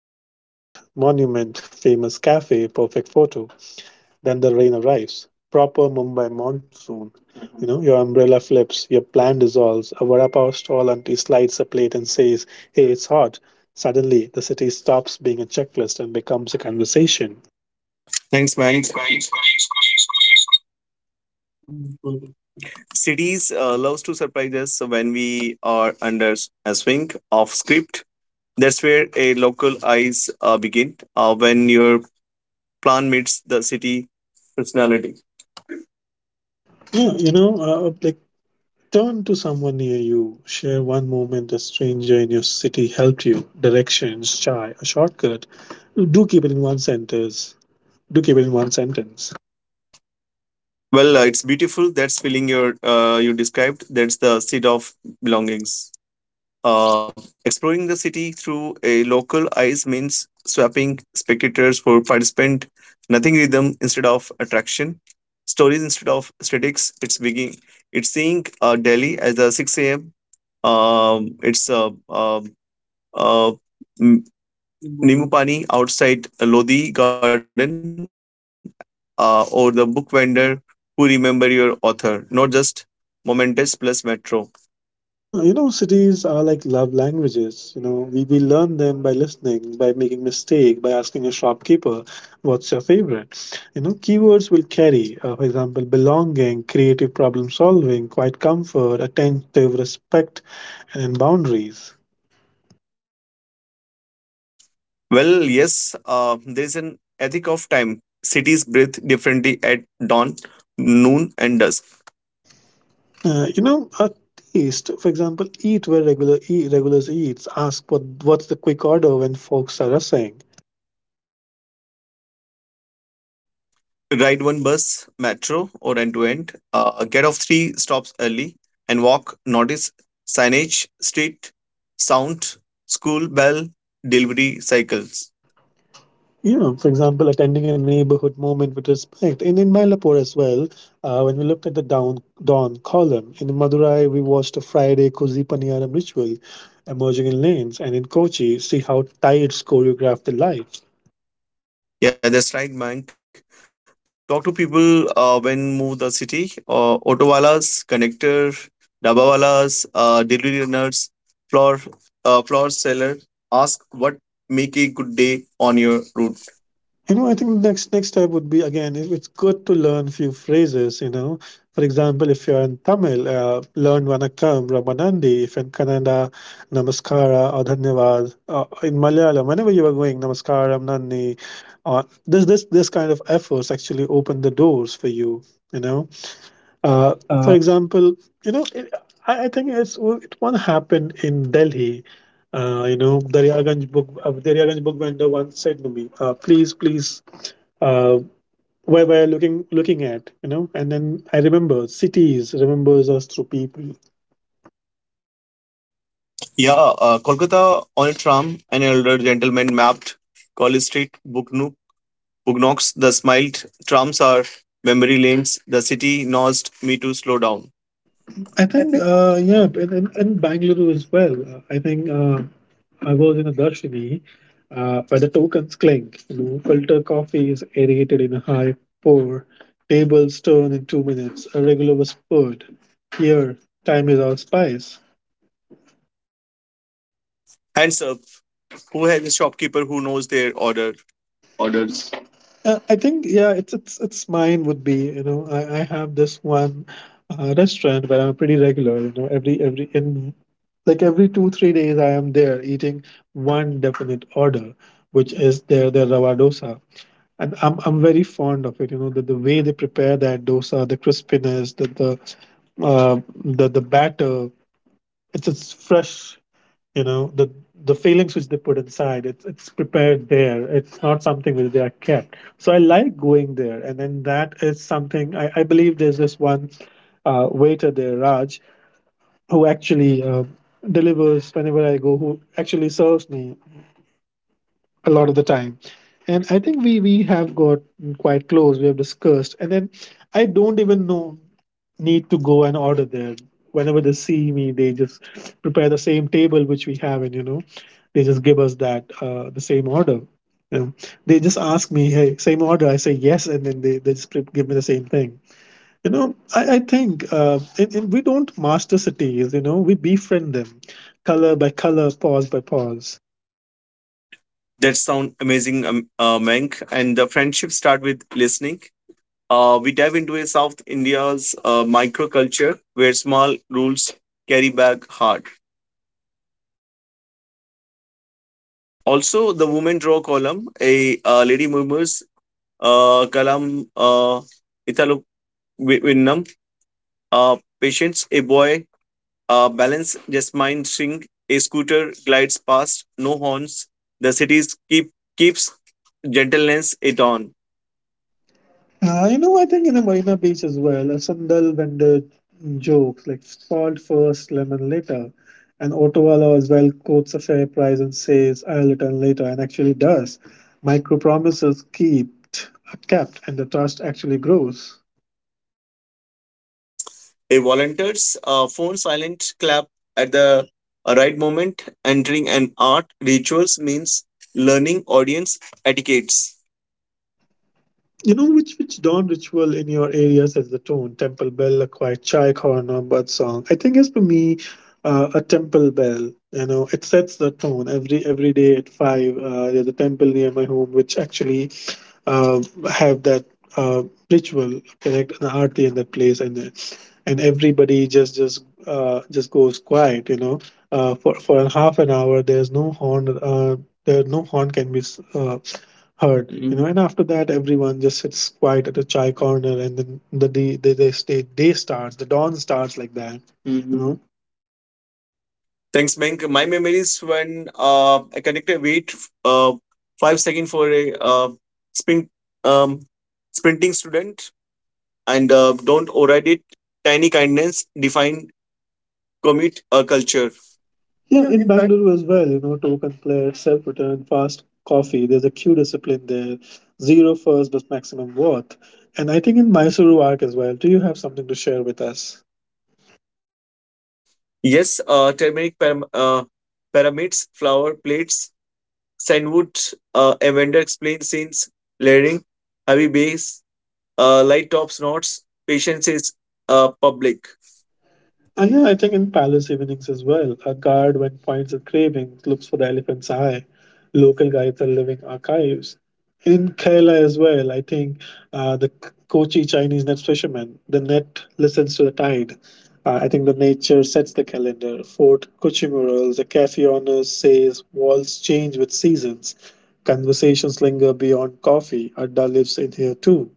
with a checklist, monument, famous cafe, perfect photo, then the rain arrives. Proper Mumbai monsoon. You know, your umbrella flips, your plan dissolves. A vada pav stall auntie slides a plate and says, "Hey, it's hot." Suddenly, the city stops being a checklist and becomes a conversation. Thanks, man. Cities loves to surprise us when we are under a swing of script. That's where a local eyes begin when your plan meets the city personality. Yeah, you know, like turn to someone near you. Share one moment a stranger in your city helped you. Directions, chai, a shortcut. Do keep it in one sentence. Do keep it in one sentence. It's beautiful. That's feeling your you described. That's the seed of belongings. Exploring the city through a local eyes means swapping spectators for participant, nothing rhythm instead of attraction, stories instead of statics. It's seeing Delhi as the 6 a.m. Um, it's uh, uh, uh, m- Nimupani outside Lodi Garden, or the book vendor who remember your author, not just momentous plus metro. Cities are like love languages. You know, we learn them by listening, by making mistake, by asking a shopkeeper, what's your favorite? You know, keywords will carry, for example, belonging, creative problem solving, quiet comfort, attentive respect, and boundaries. Well, yes, there is an ethic of time. Cities breathe differently at dawn, noon, and dusk. You know, a taste, for example, eat where regulars eats. Ask what's the quick order when folks are rushing. Ride one bus, metro, or end to end. Get off three stops early and walk. Notice signage, street, sound, school bell, delivery cycles. You know, for example, attending a neighborhood moment with respect. And in Mylapore as well, when we looked at the dawn column, in Madurai, we watched a Friday Kosi Paniyaram ritual emerging in lanes. And in Kochi, see how tides choreograph the light. Yeah, that's right, Mank. Talk to people when move the city. Auto walas, connector, daba walas, delivery runners, floor, floor seller. Ask what make a good day on your route. You know, I think the next step would be again, if it's good to learn few phrases, you know. For example, if you're in Tamil, learn Vanakkam, Ramanandi. If in Kannada, Namaskara or Dhanyavad. In Malayalam, whenever you are going, Namaskaram, Nandi. This kind of efforts actually open the doors for you, you know. Uh, for example, you know, it, I think it's well, it one happened in Delhi. You know, Daryaganj book vendor once said to me, "Please, please, uh, where we're looking at," you know. And then I remember cities remembers us through people. Yeah, Kolkata on a tram. An elder gentleman mapped College Street, Bugnu, Bugnox. The smiled trams are memory lanes. The city nosed me to slow down. I think, yeah, and in Bangalore as well. I think. I was in a darshini where the tokens clink. You know, filter coffee is aerated in a high pour. Tables turn in 2 minutes. A regular was poured. Here, time is our spice. Hands up. Who has a shopkeeper who knows their order? Orders. I think yeah, it's mine would be, you know, I have this one restaurant where I'm pretty regular, you know, every in like every 2 or 3 days I am there eating one definite order, which is their rava dosa, and I'm very fond of it. You know the way they prepare that dosa, the crispiness, the batter. It's fresh. You know the fillings which they put inside. It's prepared there. It's not something which they are kept. So I like going there, and then that is something I believe. There's this one waiter there, Raj, who actually. Delivers whenever I go, who actually serves me a lot of the time, and I think we have got quite close. We have discussed, and then I don't even know need to go and order there. Whenever they see me, they just prepare the same table which we have, and you know they just give us that the same order, you know. They just ask me, hey, same order, I say yes, and then they just give me the same thing, you know. I think we don't master cities, you know, we befriend them, color by color, pause by pause. That sound amazing, Mank. And the friendship start with listening. We dive into a South India's microculture where small rules carry back hard. Also, the women draw column, a lady murmurs, kalam, italo winnam, patience, a boy, balance, just mind string, a scooter glides past, no horns. The cities keep Keeps gentleness it on. You know, I think in a Marina Beach as well, a sandal vendor jokes like salt first, lemon later. And Ottawa law as well quotes a fair price and says I'll return later and actually does. Micro promises kept and the trust actually grows. A volunteer's phone silent clap at the right moment. Entering an art rituals means learning audience etiquettes. You know which dawn ritual in your area sets the tone? Temple bell, a quiet chai corner, bird song. I think it's for me a temple bell. You know, it sets the tone every day at 5. There's a temple near my home, which actually uh, have that uh, ritual, correct, an aarti in that place, and everybody just goes quiet, you know, for a half an hour. There's no horn. There no horn can heard, you know. Mhm. And after that, everyone just sits quiet at a chai corner, and then the day they starts, the dawn starts like that, you know. Thanks, Bank. My memories when I connected wait uh, five second for a sprint um, sprinting student and don't override it. Tiny kindness define commit culture. Yeah, Yeah, in in fact. Bangalore as well, you know, token plate, self return, fast coffee, there's a queue discipline there, zero first but maximum worth. And I think in Mysuru Arc as well, do you have something to share with us? Yes, uh, turmeric pyramids, flower plates, Sandwood, a vendor explains since layering, heavy bass, light tops notes, patience is public. And yeah, I think in palace evenings as well, a guard when finds a craving looks for the elephant's eye. Local guides are living archives. In Kerala as well, I think Kochi Chinese net fisherman, the net listens to the tide. I think the nature sets the calendar. Fort Kochi murals, the cafe owners says walls change with seasons. Conversations linger beyond coffee. Adda lives in here too.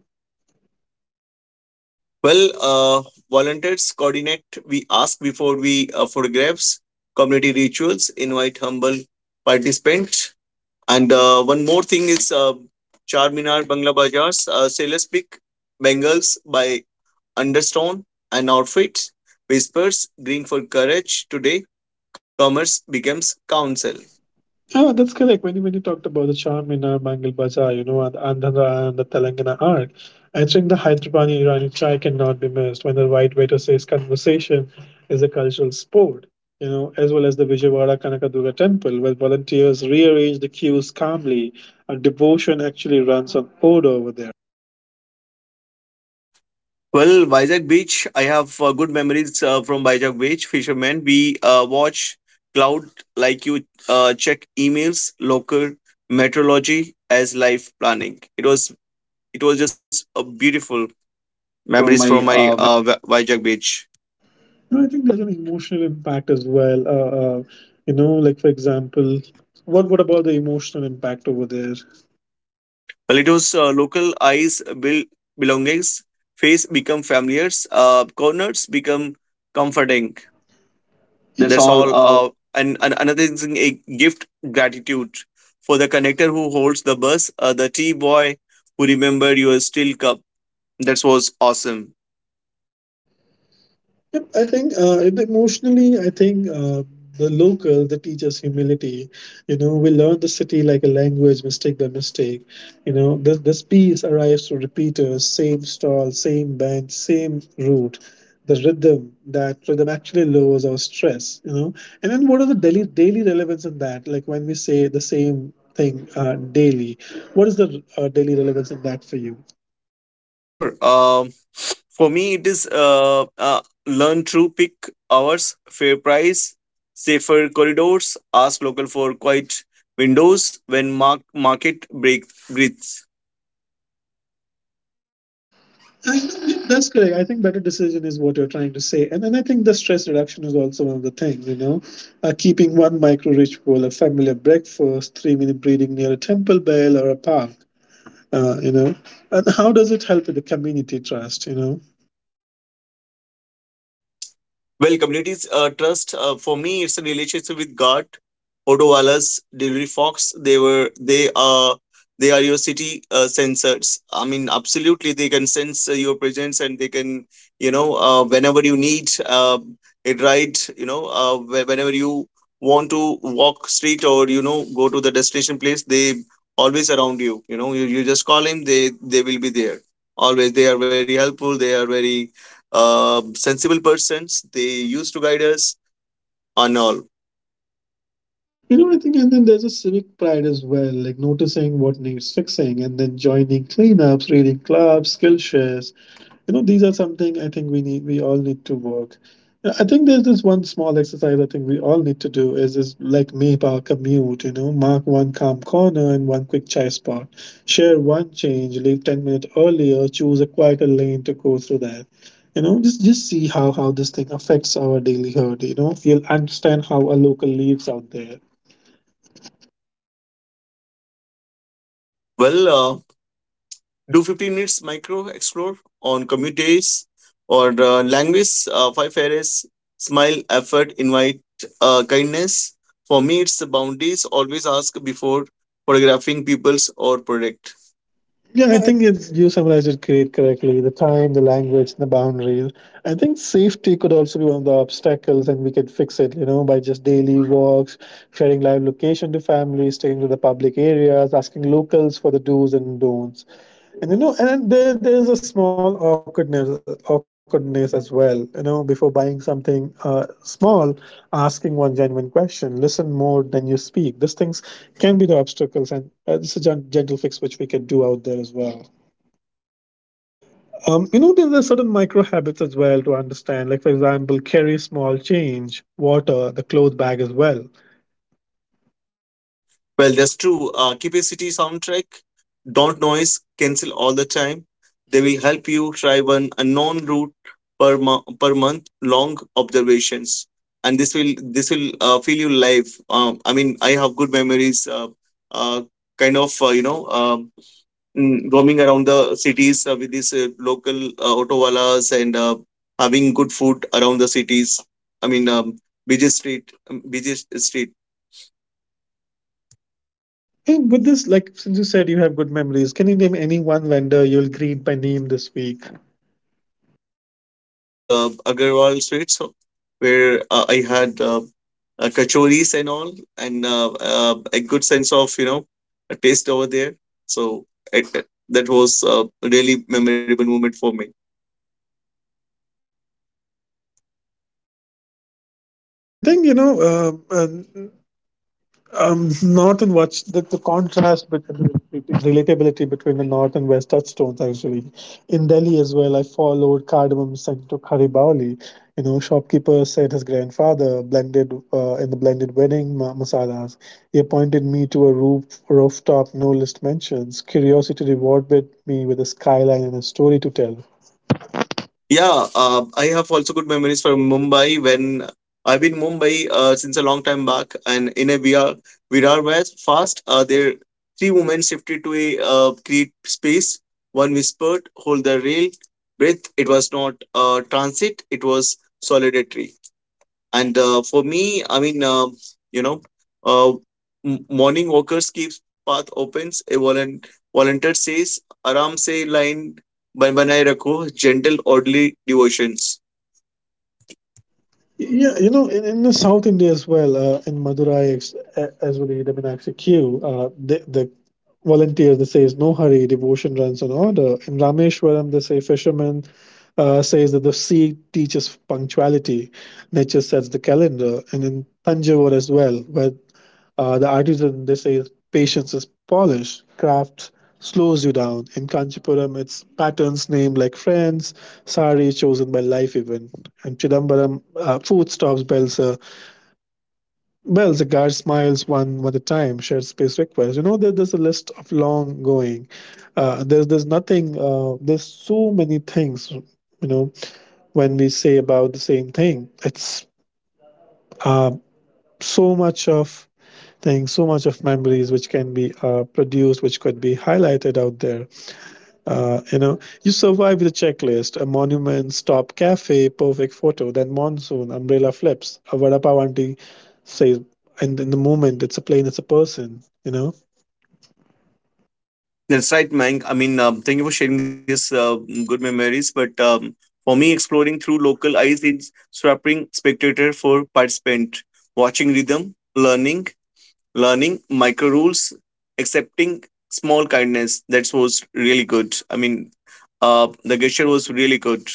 Well, uh, Volunteers coordinate, we ask before we photographs, community rituals, invite humble participants. And one more thing is Charminar Bangla Bazaars, Sailors Pick, Bengals by Understone and Outfits, Whispers, Green for Courage. Today, commerce becomes counsel. Ah, that's correct. When you talked about the charm in our Mangal Bazaar, you know, and the Telangana art, answering the Hyderabadi Irani chai cannot be missed when the white waiter says conversation is a cultural sport, you know, as well as the Vijayawada Kanakaduga temple, where volunteers rearrange the queues calmly. And devotion actually runs on order over there. Well, Vizag Beach, I have good memories from Vizag Beach, fishermen. We watch cloud like you check emails, local meteorology as life planning. It was just a beautiful Memories memories from from my my Vizag Beach. no, I think there's an emotional impact as well. Uh, you know, like for example, what about the emotional impact over there? Well, it was local eyes build belongings, face become familiars, corners become comforting. That's That's all. all. uh, And another thing, a gift gratitude for the connector who holds the bus, the tea boy who remembered your steel cup. That was awesome. Yep, I think and emotionally, I think the local, the teacher's humility, you know, we learn the city like a language, mistake by mistake. You know, the, this piece arrives through repeaters, same stall, same bench, same route. That rhythm actually lowers our stress, you know. And then what are the daily relevance in that? Like when we say the same thing daily, what is the daily relevance in that for you? Yeah, sure. For me, it is learn through pick hours, fair price, safer corridors, ask local for quiet windows when market breathes. I think that's correct. I think better decision is what you're trying to say. And then I think the stress reduction is also one of the things, you know, keeping one micro ritual, a familiar breakfast, 3 minute breathing near a temple bell or a park, you know. And how does it help with the community trust, you know? Well, communities trust for me it's a relationship with God. Odo Wallace, Delivery Fox, they are your city sensors. I mean, absolutely, they can sense your presence and they can you know whenever you need uh, it right. You know, whenever you want to walk street or you know go to the destination place, they always around you. You know, you just call him, they will be there. Always, they are very helpful. They are very sensible persons. They used to guide us on all. You know, I think, and then there's a civic pride as well, like noticing what needs fixing and then joining cleanups, reading clubs, skill shares, you know, these are something I think we all need to work. I think there's this one small exercise I think we all need to do is like map our commute, you know, mark one calm corner and one quick chai spot, share one change, leave 10 minutes earlier, choose a quieter lane to go through that, you know, just see how this thing affects our daily herd, you know. You'll understand how a local lives out there. Well, do 15 minutes micro explore on commute days or language, five areas, smile, effort, invite, kindness. For me, it's the boundaries. Always ask before photographing peoples or product. Yeah, I think it's you summarized it great correctly. The time, the language, the boundaries. I think safety could also be one of the obstacles, and we could fix it. You know, by just daily walks, sharing live location to families, sticking to the public areas, asking locals for the do's and don'ts. And you know, and there is a small awkwardness as well. You know, before buying something small, asking one genuine question, listen more than you speak. These things can be the obstacles, and this is a gentle fix which we can do out there as well. You know, there are certain micro habits as well to understand. Like, for example, carry small change, water, the cloth bag as well. Well, that's true. Capacity soundtrack. Don't noise cancel all the time. They will help you try one unknown route per month. Long observations, and this will feel you live. I mean, I have good memories. Uh, Kind of roaming around the cities with these local autowalas and having good food around the cities. I mean, um, busy street. And with this, like, since you said you have good memories, can you name any one vendor you'll greet by name this week? Well, there is Agarwal Sweets where I had kachoris and all, and a good sense of you know a taste over there. So it, that was really memorable moment for me. I think, you know, uh, uh, north and west, the contrast between relatability between the north and west touchstones actually. In Delhi as well, I followed Cardamom Scent to Kharibaoli. You know, shopkeeper said his grandfather blended in the blended wedding masalas. He pointed me to a rooftop no list mentions. Curiosity rewarded me with a skyline and a story to tell. Yeah, I have also good memories from Mumbai when I've been Mumbai since a long time back, and in a VR Virar West fast, there three women shifted to a create space. One whispered, "Hold the rail, breath." It was not transit; it was solidarity and for me I mean you know uh, morning walkers keeps path opens a volunteer says aram se line banaye rakho, gentle orderly devotions. Yeah, you know, in the South India as well, in Madurai as well, Edamanaxi Q, the volunteers, they says, no hurry, devotion runs on order. In Rameshwaram, they say, fishermen says that the sea teaches punctuality, nature sets the calendar. And in Tanjavur as well, where the artisan, they say, patience is polish. Craft slows you down. In Kanchipuram, it's patterns named like friends, sari chosen by life event. In Chidambaram, food stops, bells, bells, the guard smiles one at a time, shared space requests. You know, there, there's a list of long going. There's nothing, there's so many things, you know, when we say about the same thing. It's uh, so much of thing, so much of memories which can be produced, which could be highlighted out there. You know, you survive with a checklist, a monument, stop, cafe, perfect photo, then monsoon, umbrella flips, a vada pav auntie says, and in the moment, it's a plane, it's a person, you know. That's right, Mank. I mean, thank you for sharing these good memories but for me exploring through local eyes is swapping spectator for participant watching rhythm learning learning micro rules, accepting small kindness. That was really good. I mean, the gesture was really good.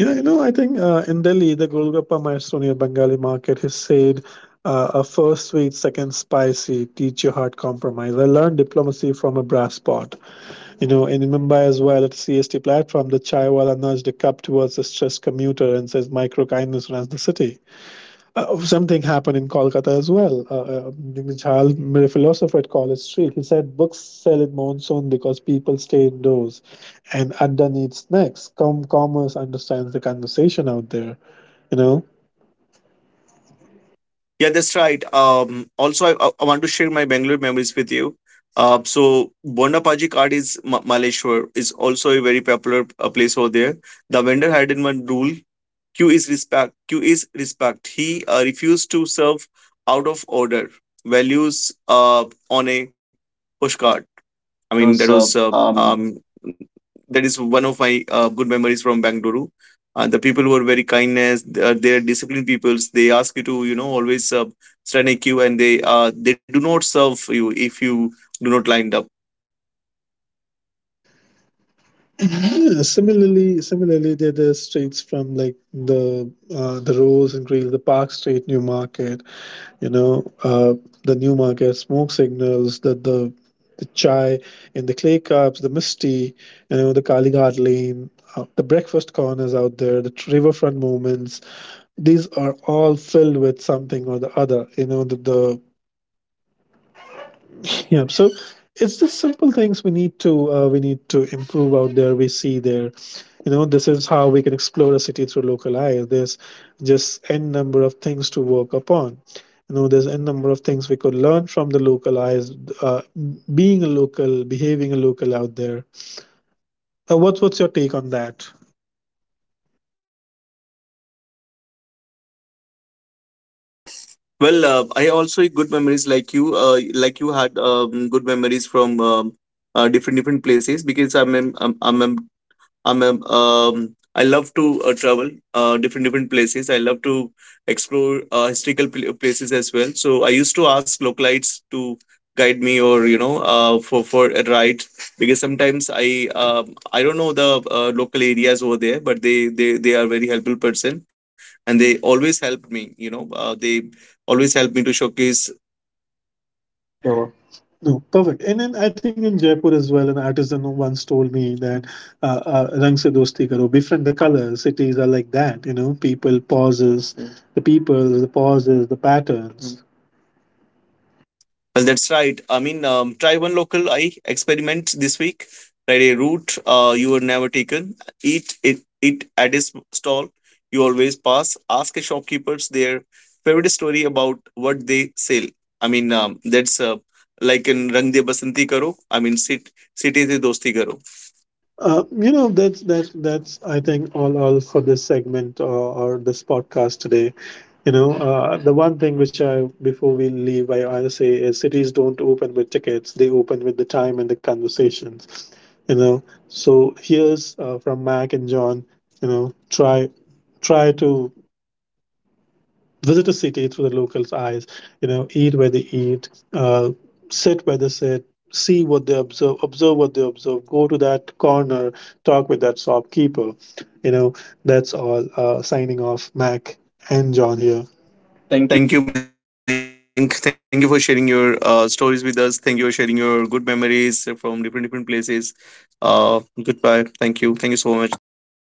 Yeah, you know, I think in Delhi, the Golgappa Maestro near Bengali market, he said, a first sweet, second spicy, teach your heart compromise. I learned diplomacy from a brass pot. You know, in Mumbai as well, at a CST platform, the chaiwala nudged a cup towards a stressed commuter and says, "Micro kindness runs the city." Something happened in Kolkata as well. Nijal a philosopher at College Street. He said, "Books sell in monsoon because people stay indoors, and Adda needs snacks." Commerce understands the conversation out there. You know. Yeah, that's right. Also, I want to share my Bangalore memories with you. So Bondapaji card is Maleshwar is also a very popular place over there. The vendor had in one rule: Q is respect. He refused to serve out of order. Values on a postcard. I That mean, was that is one of my good memories from Bangalore. The people were very kindness. They are disciplined peoples. They ask you to you know always stand a queue, and they do not serve you if you do not lined up. Yeah, similarly, there are the streets from like the the Rose and Greeley, the Park Street, New Market, you know, the new market smoke signals, the chai in the clay cups, the misty, you know, the kalighat lane, the breakfast corners out there, the riverfront moments. These are all filled with something or the other, you know, the yeah so it's just simple things we need to, we need to improve out there, we see there. You know, this is how we can explore a city through local eyes. There's just n number of things to work upon. You know, there's n number of things we could learn from the local eyes, uh, being a local, behaving a local out there. What's your take on that? Well, I also had good memories like you. Like you had good memories from different different places because I'm, I'm I'm I love to travel different different places. I love to explore uh, historical places as well. So I used to ask localites to guide me or you know for a ride because sometimes I don't know the local areas over there, but they are very helpful person and they always helped me. You know they always help me to showcase. Sure. No, perfect. And then I think in Jaipur as well, an artisan who once told me that "Rang se dosti karo, befriend the color." Cities are like that, you know. People pauses, mm, the people, the pauses, the patterns. Well, that's right. I mean, try one local eye experiment this week. Try a route you were never taken. Eat it at a stall you always pass. Ask a shopkeepers their favorite story about what they sell. I mean, that's like in Rang De Basanti Karo. I mean, sit de Dosti Karo. You know, that's I think all for this segment or this podcast today. You know, the one thing which I before we leave, I'll say is cities don't open with tickets; they open with the time and the conversations. You know, so here's from Mac and John. You know, try try to visit a city through the locals' eyes, you know, eat where they eat, uh, sit where they sit, see what they observe, observe what they observe, go to that corner, talk with that shopkeeper. You know, that's all. Signing off, Mac and And John John, here. yeah. Thank you. Thank you, Mank. Thank you for sharing your stories with us. Thank you for sharing your good memories from different different places. Goodbye. Thank you. Thank you so much. Thank you for being with